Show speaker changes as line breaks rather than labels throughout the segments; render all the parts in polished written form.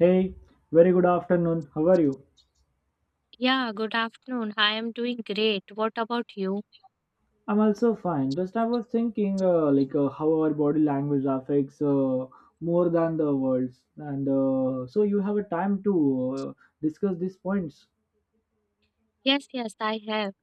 Hey, very good afternoon. How are you?
Yeah, good afternoon. I am doing great. What about you?
I'm also fine. Just I was thinking, like how our body language affects more than the words, and so you have a time to uh, discuss these points.
Yes, I have.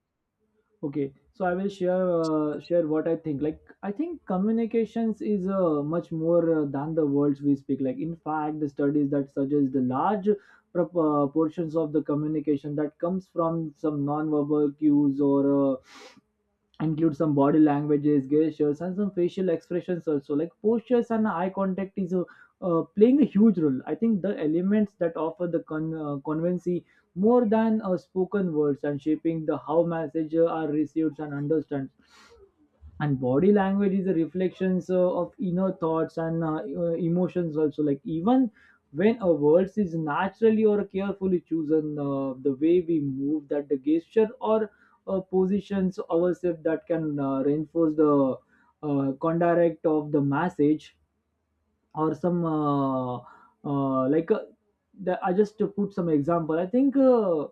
Okay, so I will share what I think. Like I think communications is much more than the words we speak. Like in fact, the studies that suggest the large portions of the communication that comes from some non-verbal cues, or uh, include some body languages gestures and some facial expressions, also like postures and eye contact, is playing a huge role. I think the elements that offer the convency more than spoken words and shaping the how messages are received and understood, and body language is a reflections of inner thoughts and emotions also, like even when a word is naturally or carefully chosen, the way we move that the gesture or positions ourselves, that can reinforce the condirect of the message, or some like the, I just to put some example. I think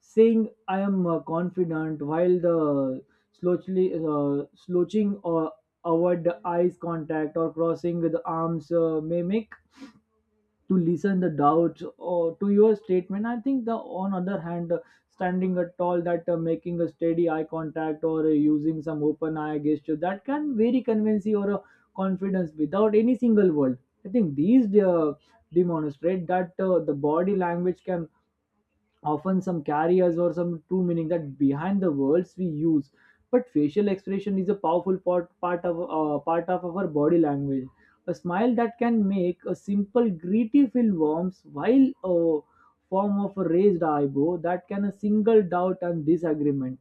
saying I am confident while the slouchly slouching or avoid the eyes contact or crossing the arms may make to listen the doubts or to your statement. I think the on other hand, standing at tall that making a steady eye contact or using some open eye gesture, that can very convince you or confidence without any single word. I think these demonstrate that the body language can often some carriers or some true meaning that behind the words we use. But facial expression is a powerful part of our body language. A smile that can make a simple greeting feel warm, while a form of a raised eyebrow that can a single doubt and disagreement.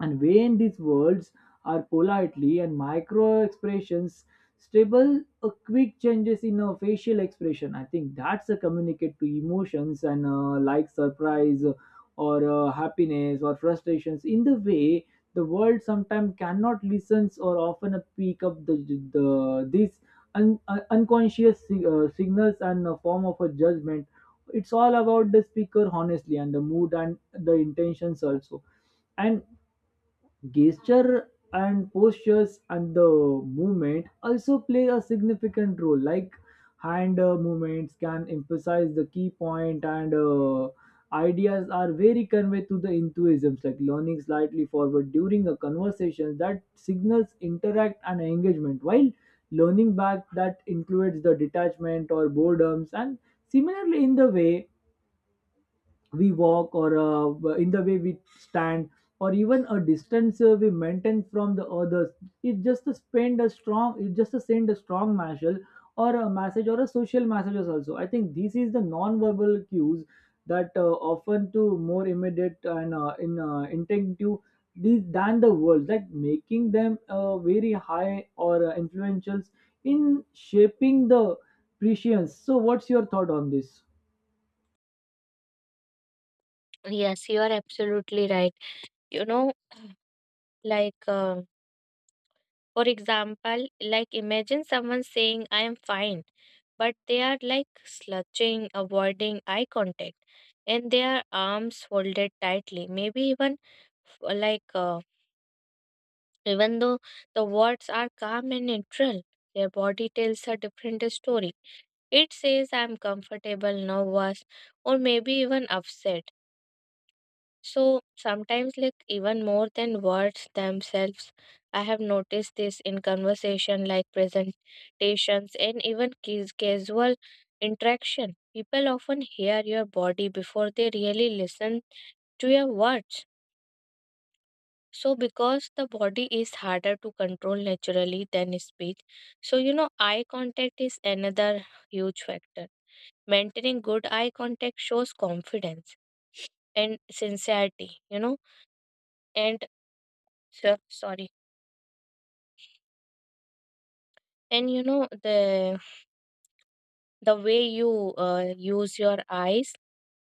And when these words are politely and micro expressions stable a quick changes in a facial expression, I think that's a communicate to emotions, and like surprise, or happiness or frustrations in the way the world sometimes cannot listen or often pick up the these unconscious signals and a form of a judgment. It's all about the speaker honestly and the mood and the intentions also. And gesture and postures and the movement also play a significant role, like hand movements can emphasize the key point, and ideas are very conveyed to the enthusiasms, like leaning slightly forward during a conversation that signals interact and engagement, while leaning back that includes the detachment or boredoms. And similarly, in the way we walk, or in the way we stand or even a distance we maintain from the others, it just send a strong message or a social messages also. I think this is the non-verbal cues that often to more immediate and in instinctive, these than the words, like making them very high or influential in shaping the prescience. So what's your thought on this?
Yes, you are absolutely right. You know, like, uh, for example, like, imagine someone saying, I am fine, but they are like slouching, avoiding eye contact, and their arms folded tightly. Maybe even f- like, uh, even though the words are calm and neutral, their body tells a different story. It says I'm comfortable, nervous, or maybe even upset. So sometimes, like even more than words themselves, I have noticed this in conversation like presentations and even casual interaction. People often hear your body before they really listen to your words. So, because the body is harder to control naturally than speech, so you know, eye contact is another huge factor. Maintaining good eye contact shows confidence and sincerity, you know, and sorry. And you know the way you use your eyes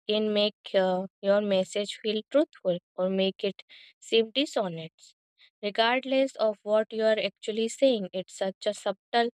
can make your message feel truthful or make it seem dishonest. Regardless of what you are actually saying, it's such a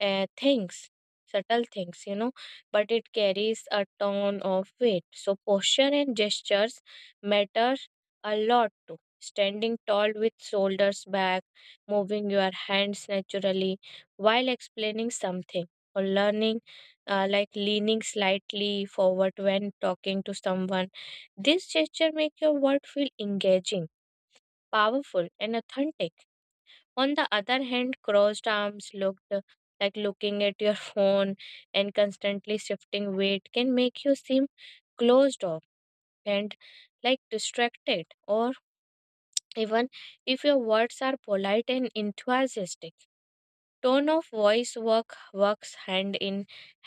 uh, things, subtle things, you know, but it carries a ton of weight. So, posture and gestures matter a lot too. Standing tall with shoulders back, moving your hands naturally while explaining something, or learning, like leaning slightly forward when talking to someone. This gesture make your word feel engaging, powerful, and authentic. On the other hand, crossed arms looked like looking at your phone and constantly shifting weight can make you seem closed off and like distracted or even if your words are polite and enthusiastic, tone of voice works hand in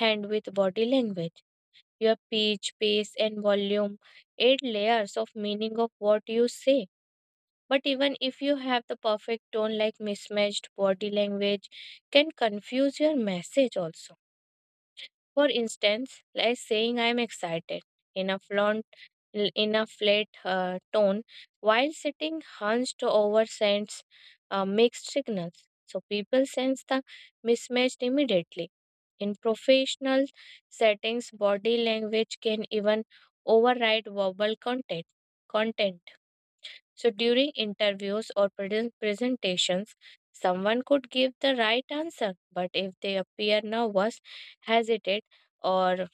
hand with body language. Your pitch, pace, and volume add layers of meaning of what you say, but even if you have the perfect tone, like mismatched body language can confuse your message also. For instance, like saying I am excited in a flaunt, in a flat tone while sitting hunched over sends mixed signals. So people sense the mismatched immediately. In professional settings, body language can even override verbal content. Content so during interviews or presentations, someone could give the right answer, but if they appear nervous, hesitate, or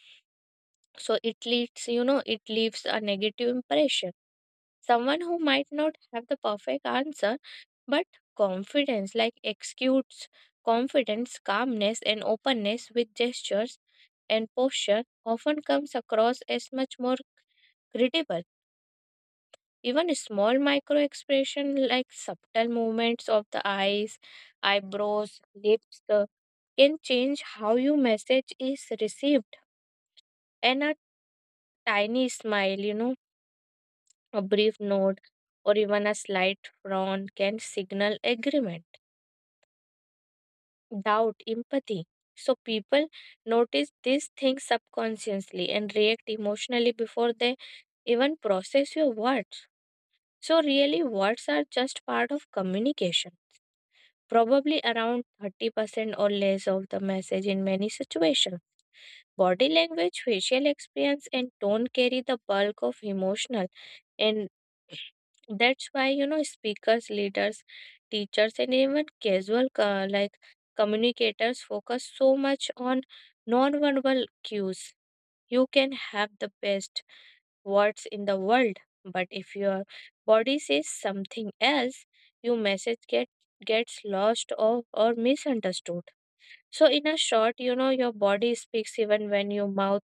so it leads, you know, it leaves a negative impression. Someone who might not have the perfect answer, but confidence, like exudes confidence, calmness, and openness with gestures and posture, often comes across as much more credible. Even a small micro expression like subtle movements of the eyes, eyebrows, lips, can change how your message is received. And a tiny smile, you know, a brief nod, or even a slight frown can signal agreement, doubt, empathy. So people notice these things subconsciously and react emotionally before they even process your words. So, really, words are just part of communication. Probably around 30% or less of the message in many situations. Body language, facial experience, and tone carry the bulk of emotional. And that's why, you know, speakers, leaders, teachers, and even casual communicators focus so much on nonverbal cues. You can have the best words in the world, but if your body says something else, your gets lost or misunderstood. So in a short, you know, your body speaks even when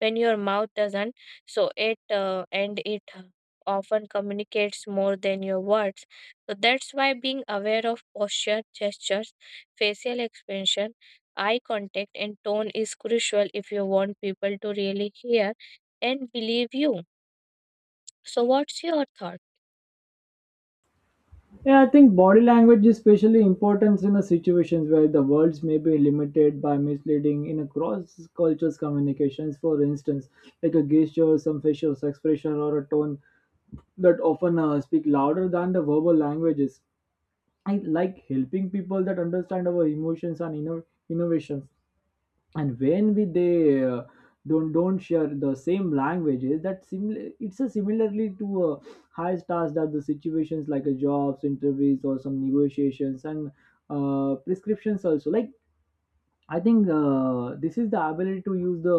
when your mouth doesn't. So it often communicates more than your words. So that's why being aware of posture, gestures, facial expression, eye contact, and tone is crucial if you want people to really hear and believe you. So what's your thought?
Yeah, I think body language is especially important in the situations where the words may be limited by misleading in a cross cultures communications. For instance, like a gesture, some facial expression, or a tone that often speak louder than the verbal languages. I like helping people that understand our emotions and innovations, and when we they don't share the same languages that similar it's a similarly to a high stars that the situations, like a jobs interviews or some negotiations and prescriptions also. Like I think this is the ability to use the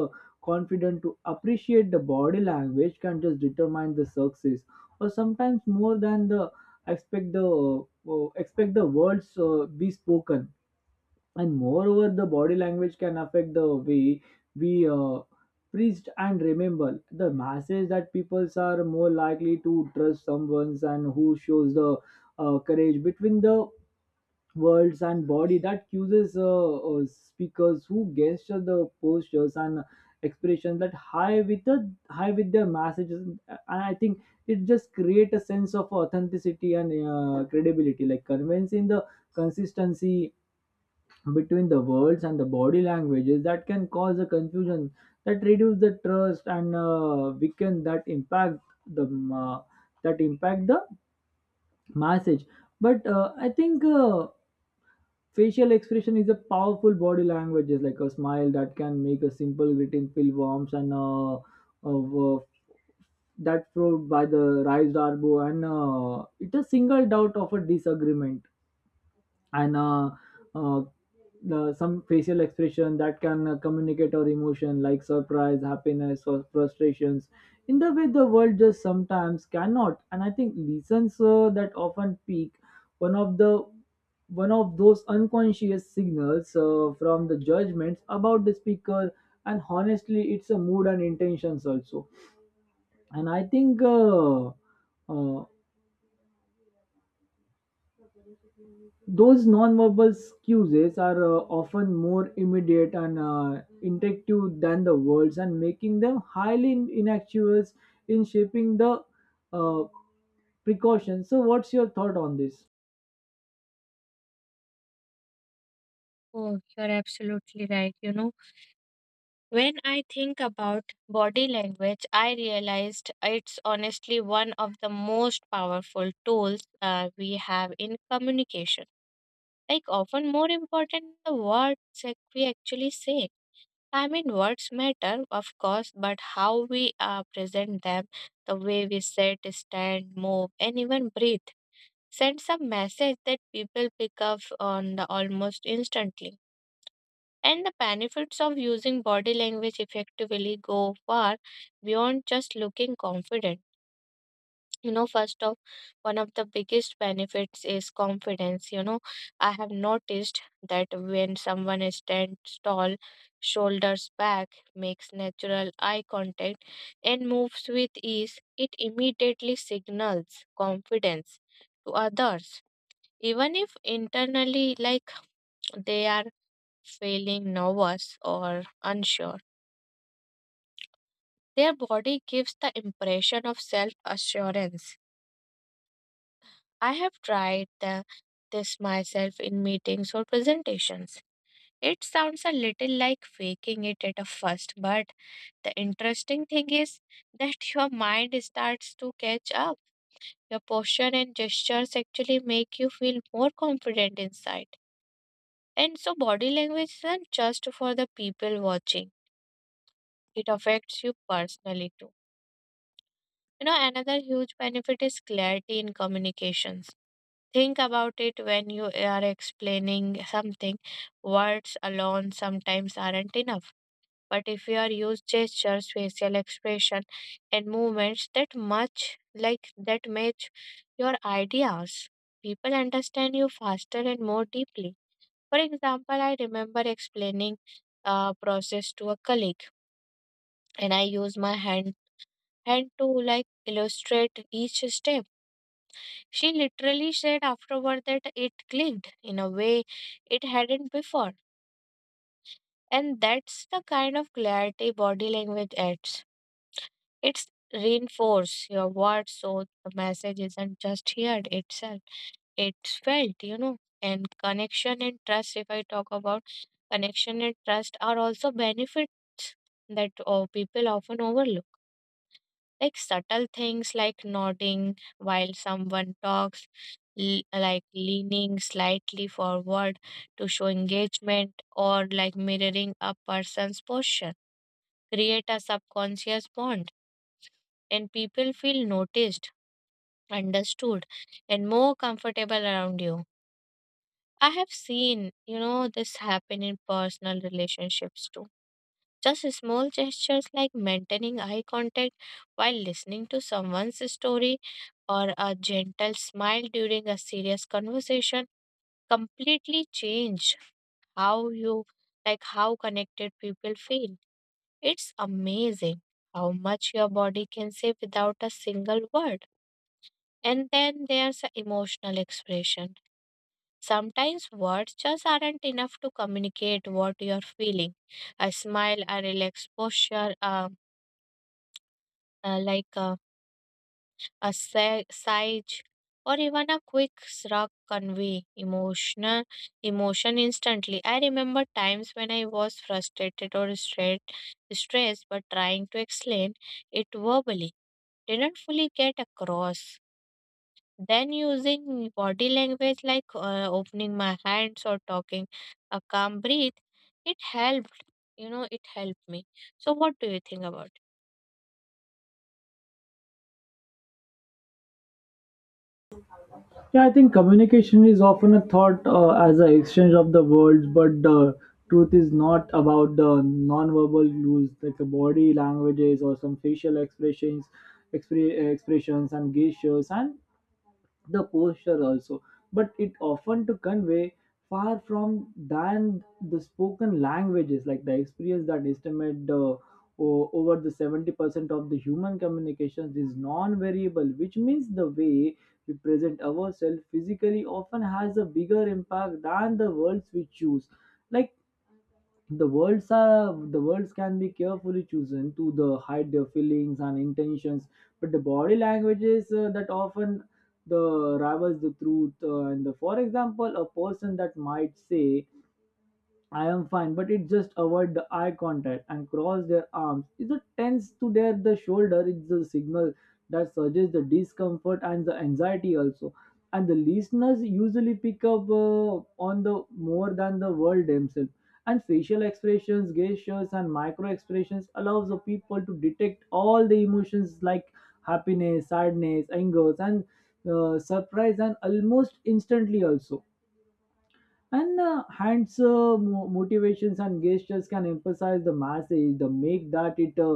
confident to appreciate the body language can just determine the success, or sometimes more than the expect the expect the words be spoken. And moreover, the body language can affect the way we preached and remember the message, that peoples are more likely to trust someone's and who shows the courage between the words and body, that uses speakers who gesture the postures and expressions that high with their messages. And I think it just create a sense of authenticity and credibility, like convincing the consistency between the words and the body languages, that can cause a confusion that reduce the trust and weaken that impact, the that impact the message. But I think facial expression is a powerful body language, is like a smile that can make a simple greeting feel warm, and of, uh, that proved by the raised arbo, and it's a single doubt of a disagreement. And uh, some facial expression that can communicate our emotion, like surprise, happiness, or frustrations in the way the world just sometimes cannot. And I think lessons that often peak one of the one of those unconscious signals from the judgments about the speaker, and honestly it's a mood and intentions also. And I think uh, those non-verbal cues are often more immediate and intuitive than the words, and making them highly inactuous in shaping the uh, precautions. So, what's your thought on this?
Oh, you're absolutely right. You know, when I think about body language, I realized it's honestly one of the most powerful tools we have in communication. Like, often more important than the words that we actually say. I mean, words matter, of course, but how we present them, the way we sit, stand, move, and even breathe, sends a message that people pick up on the almost instantly. And the benefits of using body language effectively go far beyond just looking confident. You know, first of one of the biggest benefits is confidence. You know, I have noticed that when someone stands tall, shoulders back, makes natural eye contact, and moves with ease, it immediately signals confidence to others. Even if internally, like they are feeling nervous or unsure. Their body gives the impression of self assurance. I have this myself in meetings or presentations. It sounds a little like faking it at a first, but the interesting thing is that your mind starts to catch up. Your posture and gestures actually make you feel more confident inside. And so, body language isn't just for the people watching, it affects you personally too. You know, another huge benefit is clarity in communications. Think about it when you are explaining something, words alone sometimes aren't enough. But if you are used gestures, facial expression, and movements that much like that match your ideas, people understand you faster and more deeply. For example, I remember explaining a process to a colleague, and I use my hand to like illustrate each step. She literally said afterward that it clicked in a way it hadn't before. And that's the kind of clarity body language adds. It's reinforce your words so the message isn't just heard itself. It's felt, you know. And connection and trust, if I talk about connection and trust are also benefits that people often overlook like subtle things like nodding while someone talks, like leaning slightly forward to show engagement or like mirroring a person's posture, create a subconscious bond, and people feel noticed, understood, and more comfortable around you. I have seen, you know, this happen in personal relationships too. Just small gestures like maintaining eye contact while listening to someone's story or a gentle smile during a serious conversation completely change how you like how connected people feel. It's amazing how much your body can say without a single word. And then there's a emotional expression. Sometimes words just aren't enough to communicate what you're feeling. A smile, a relaxed posture, a like a sigh, or even a quick shrug convey emotion instantly. I remember times when I was frustrated or stressed, but trying to explain it verbally didn't fully get across. Then using body language like opening my hands or talking a calm breath, it helped. You know, it helped me. So, what do you think about?
Yeah, I think communication is often a thought as an exchange of the words, but the truth is not about the non-verbal cues, like the body languages or some facial expressions and gestures, and the posture also, but it often to convey far from than the spoken languages, like the experience that estimate over the 70% of the human communications is non-variable, which means the way we present ourselves physically often has a bigger impact than the words we choose. Like the words are, the words can be carefully chosen to the hide their feelings and intentions, but the body languages that often the rivals the truth. And for example, a person that might say I am fine, but it just avoid the eye contact and cross their arms. Is a tense to their the shoulder. It's a signal that suggests the discomfort and the anxiety also. And the listeners usually pick up on the more than the world themselves. And facial expressions, gestures, and micro expressions allows the people to detect all the emotions, like happiness, sadness, anger, and surprise, and almost instantly also. And hands, motivations, and gestures can emphasize the message, the make that it uh,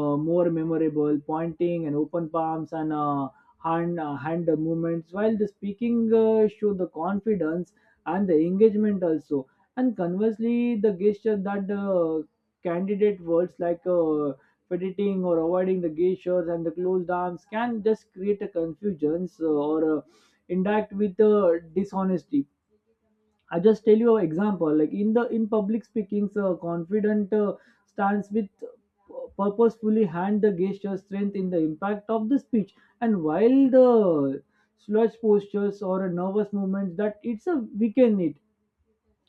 uh, more memorable. Pointing and open palms, and hand movements, while the speaking show the confidence and the engagement also. And conversely, the gesture that the candidate words, like fidgeting or avoiding the gestures and the closed arms, can just create a confusions or interact with dishonesty. I just tell you an example. Like in the in public speaking, so confident stance with purposefully hand the gesture strength in the impact of the speech, and while the slouch postures or nervous movements that it's a weaken it.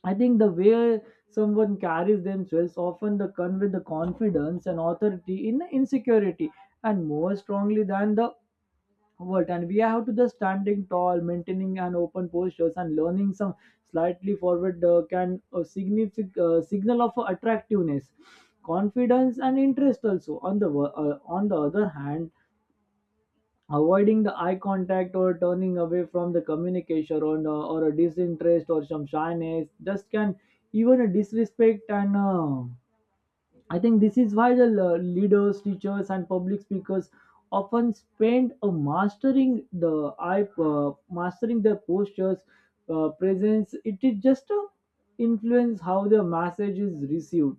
I think the way someone carries themselves often the convey the confidence and authority in the insecurity, and more strongly than the what. And we have to just standing tall, maintaining an open postures and learning some slightly forward can signal of attractiveness, confidence, and interest also, on the other hand, avoiding the eye contact or turning away from the communication, or a disinterest or some shyness just can even a disrespect. And I think this is why the leaders, teachers, and public speakers often spend a mastering their postures, presence. It is just to influence how their message is received.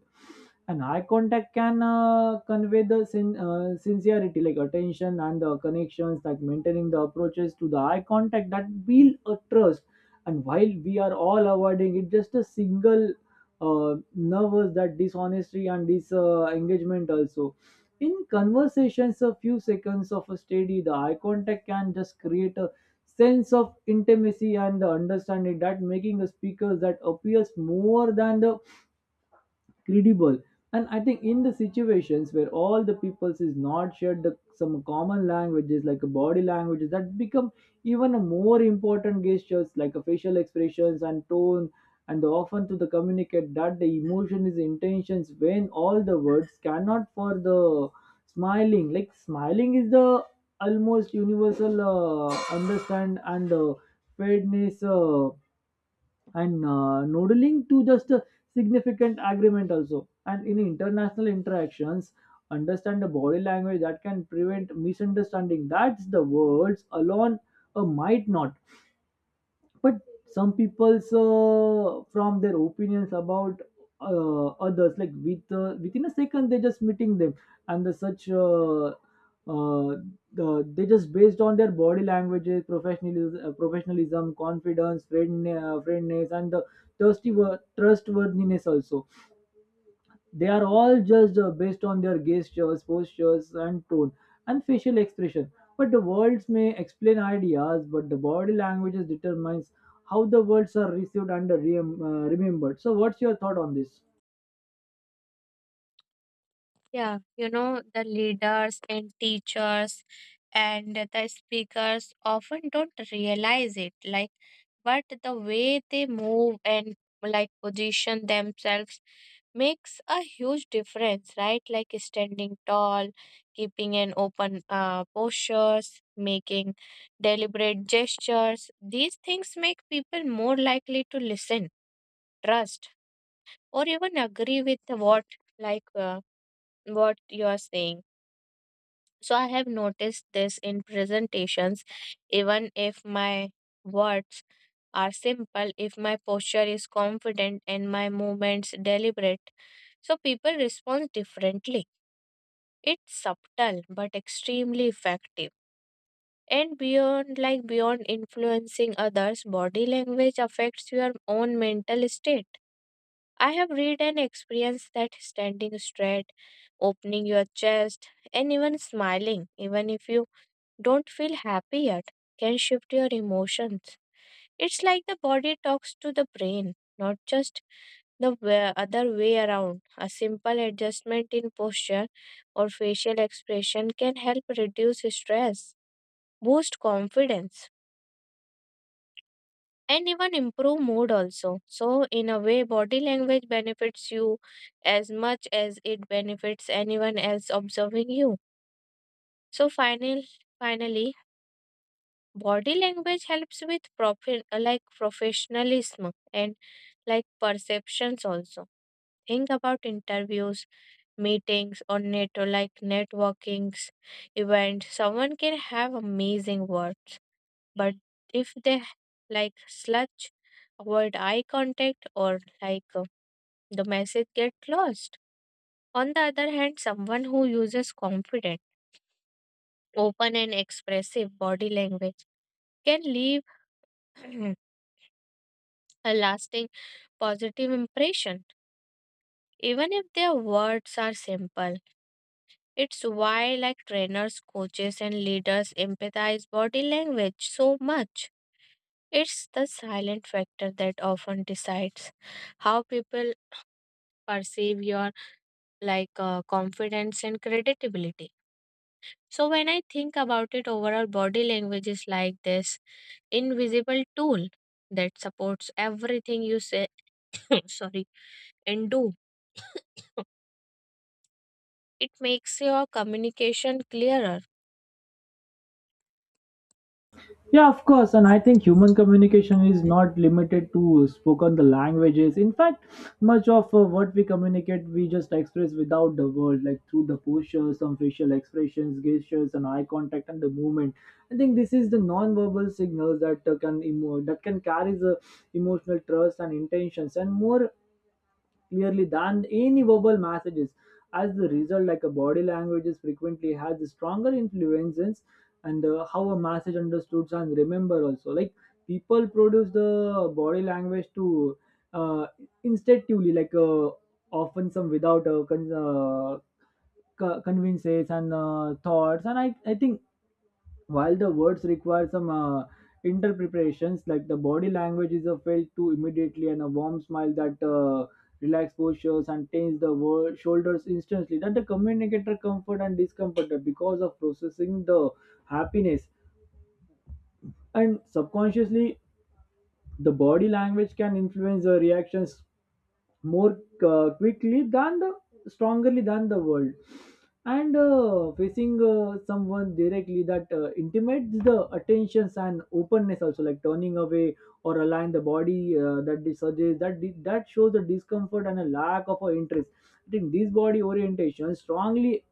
And eye contact can convey the sincerity, like attention and the connections, like maintaining the approaches to the eye contact that build a trust. And while we are all avoiding it, just a single nervous that dishonesty and disengagement also in conversations, a few seconds of a steady the eye contact can just create a sense of intimacy and the understanding that making a speaker that appears more than the credible. And I think in the situations where all the peoples is not shared the some common languages like a body languages that become even a more important gestures like a facial expressions and tone and the often to the communicate that the emotion is intentions when all the words cannot for the smiling. Like smiling is the almost universal understand and fairness, and noodling to just a significant agreement also. And in international interactions, understand the body language that can prevent misunderstanding that's the words alone might not, but some people from their opinions about others, like with within a second they're just meeting them. And the such uh, they just based on their body languages professionalism, professionalism, confidence, friendness, and the trustworthiness also. They are all judged based on their gestures, postures, and tone, and facial expression. But the words may explain ideas, but the body languages determines how the words are received and remembered. So, what's your thought on this?
Yeah, you know, the leaders and teachers and the speakers often don't realize it, like, but the way they move and like position themselves makes a huge difference, right? Like standing tall, keeping an open postures, making deliberate gestures. These things make people more likely to listen, trust, or even agree with like uh, what you are saying. So I have noticed this in presentations, even if my words are simple, if my posture is confident and my movements deliberate. So people respond differently. It's subtle but extremely effective. And beyond influencing others, body language affects your own mental state. I have read and experienced that standing straight, opening your chest, and even smiling, even if you don't feel happy yet, can shift your emotions. It's like the body talks to the brain, not just other way around. A simple adjustment in posture or facial expression can help reduce stress, boost confidence, and even improve mood also. So, in a way, body language benefits you as much as it benefits anyone else observing you. So, finally, body language helps with professionalism and like perceptions also. Think about interviews, meetings, or like networkings event. Someone can have amazing work, but if they like sludge, avoid eye contact, or like the message get lost. On the other hand, someone who uses confident, open, and expressive body language can leave a lasting positive impression, even if their words are simple. It's why, like trainers, coaches, and leaders, empathize body language so much. It's the silent factor that often decides how people perceive your confidence and credibility. So when I think about it, overall body language is like this invisible tool that supports everything you say. Sorry, and do. It makes your communication clearer.
Yeah, of course. And I think human communication is not limited to spoken the languages. In fact, much of what we communicate, we just express without the word, like through the posture, some facial expressions, gestures, and eye contact, and the movement. I think this is the non-verbal signals that that can carry the emotional trust and intentions, and more clearly than any verbal messages. As the result, like a body languages frequently has a stronger influences and how a message understood and remember also. Like people produce the body language to uh, instinctively, like often some without convinces and thoughts. And I think while the words require some interpretations, like the body language is felt to immediately, and a warm smile that relaxed postures and tense the shoulders instantly, that the communicator comfort and discomfort because of processing the happiness. And subconsciously, the body language can influence the reactions more quickly than the strongly than the world and facing someone directly that intimates the attentions and openness also, like turning away or align the body that they suggest that shows the discomfort and a lack of interest. I think these body orientation strongly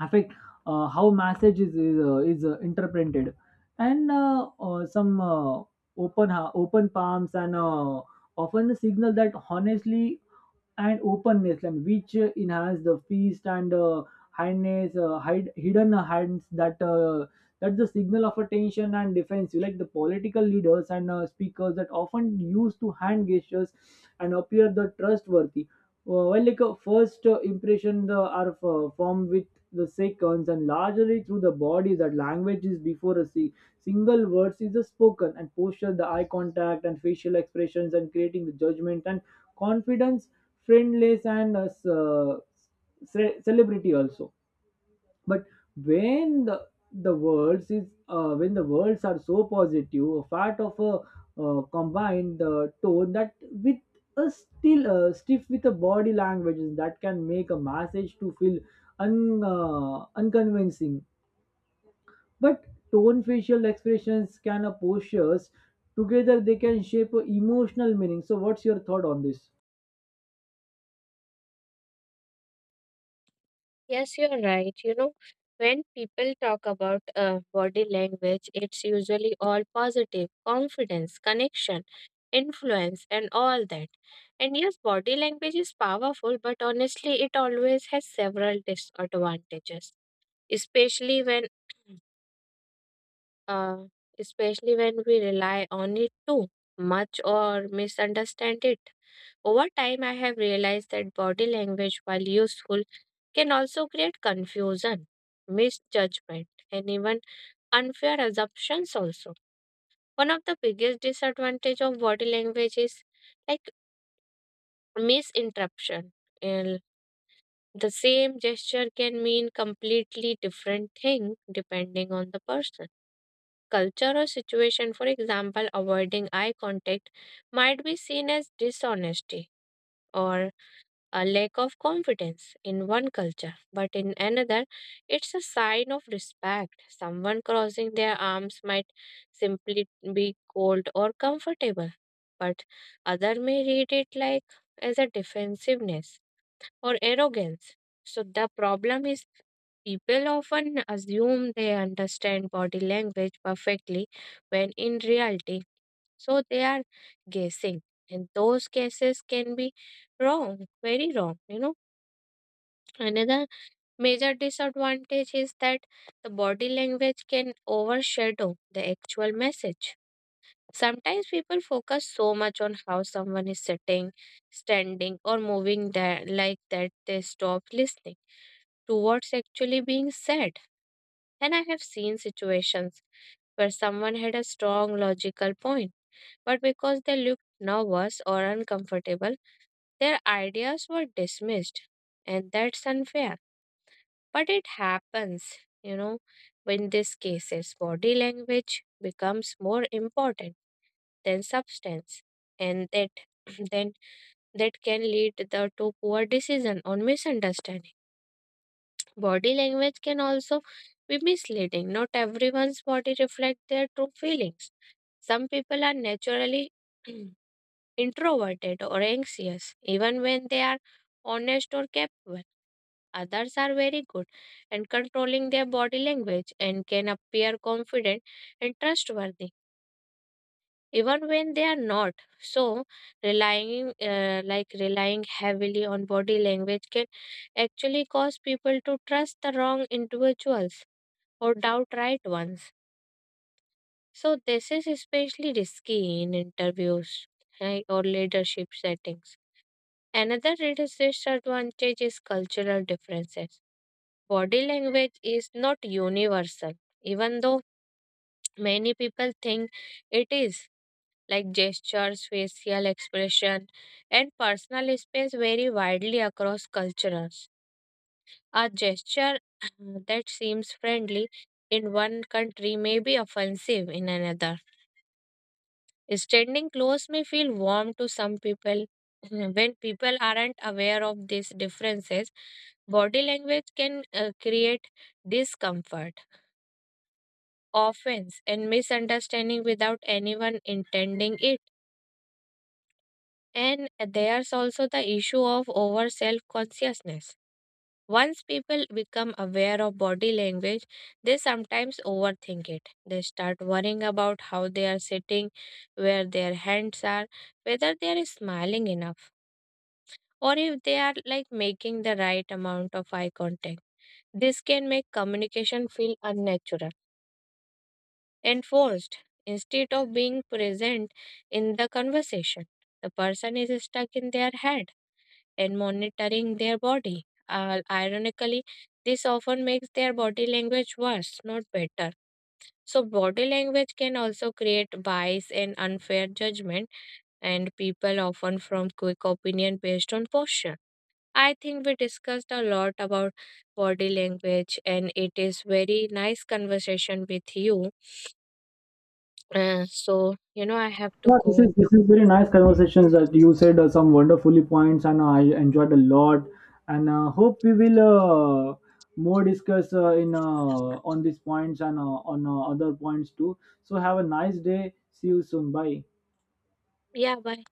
affect how message is interpreted and some open palms and often signal that honestly and openness, and which enhance the feast and highness, hidden hands that that's the signal of attention and defense. You like the political leaders and speakers that often use to hand gestures and appear the trustworthy. While like a first impression are formed with the seconds and largely through the body that language is before single words is a spoken and posture the eye contact and facial expressions and creating the judgment and confidence friendless and a celebrity also, but when the words is when the words are so positive a part of a combined tone that with a still stiff with a body language that can make a message to feel unconvincing, but tone facial expressions can a postures together they can shape a emotional meaning. So what's your thought on this?
Yes, you're right. You know, when people talk about body language, it's usually all positive confidence, connection, influence, and all that. And yes, body language is powerful, but honestly, it always has several disadvantages, especially when uh, especially when we rely on it too much or misunderstand it. Over time, I have realized that body language, while useful, can also create confusion, misjudgment, and even unfair assumptions also. One of the biggest disadvantage of body language is like misinterpretation. And the same gesture can mean completely different thing depending on the person, culture, or situation. For example, avoiding eye contact might be seen as dishonesty or a lack of confidence in one culture, but in another, it's a sign of respect. Someone crossing their arms might simply be cold or comfortable, but other may read it like as a defensiveness or arrogance. So the problem is people often assume they understand body language perfectly when in reality, so they are guessing. And those guesses can be wrong, very wrong, you know. Another major disadvantage is that the body language can overshadow the actual message. Sometimes people focus so much on how someone is sitting, standing, or moving that they stop listening to what's actually being said. And I have seen situations where someone had a strong logical point, but because they looked nervous or uncomfortable, their ideas were dismissed. And that's unfair. But it happens, you know, when these cases body language becomes more important than substance, and that then that can lead to poor decision or misunderstanding. Body language can also be misleading. Not everyone's body reflects their true feelings. Some people are naturally introverted or anxious even when they are honest or capable. Others are very good and controlling their body language and can appear confident and trustworthy even when they are not. So relying heavily on body language can actually cause people to trust the wrong individuals or doubt right ones. So this is especially risky in interviews, right, or leadership settings. Another disadvantage is cultural differences. Body language is not universal, even though many people think it is. Like gestures, facial expression, and personal space vary widely across cultures. A gesture that seems friendly in one country may be offensive in another. Standing close may feel warm to some people. When people aren't aware of these differences, body language can create discomfort, offense, and misunderstanding without anyone intending it. And there's also the issue of over self consciousness. Once people become aware of body language, they sometimes overthink it. They start worrying about how they are sitting, where their hands are, whether they are smiling enough, or if they are like making the right amount of eye contact. This can make communication feel unnatural and forced instead of being present in the conversation. The person is stuck in their head and monitoring their body. Ironically, this often makes their body language worse, not better. So, body language can also create bias and unfair judgment, and people often form quick opinion based on posture. I think we discussed a lot about body language, and it is very nice conversation with you. So, you know, I have to
Yeah, this is
go.
this is very nice conversations that you said some wonderfully points and I enjoyed a lot and hope we will uh, more discuss in on these points and on other points too. So have a nice day. See you soon. Bye.
Yeah, bye.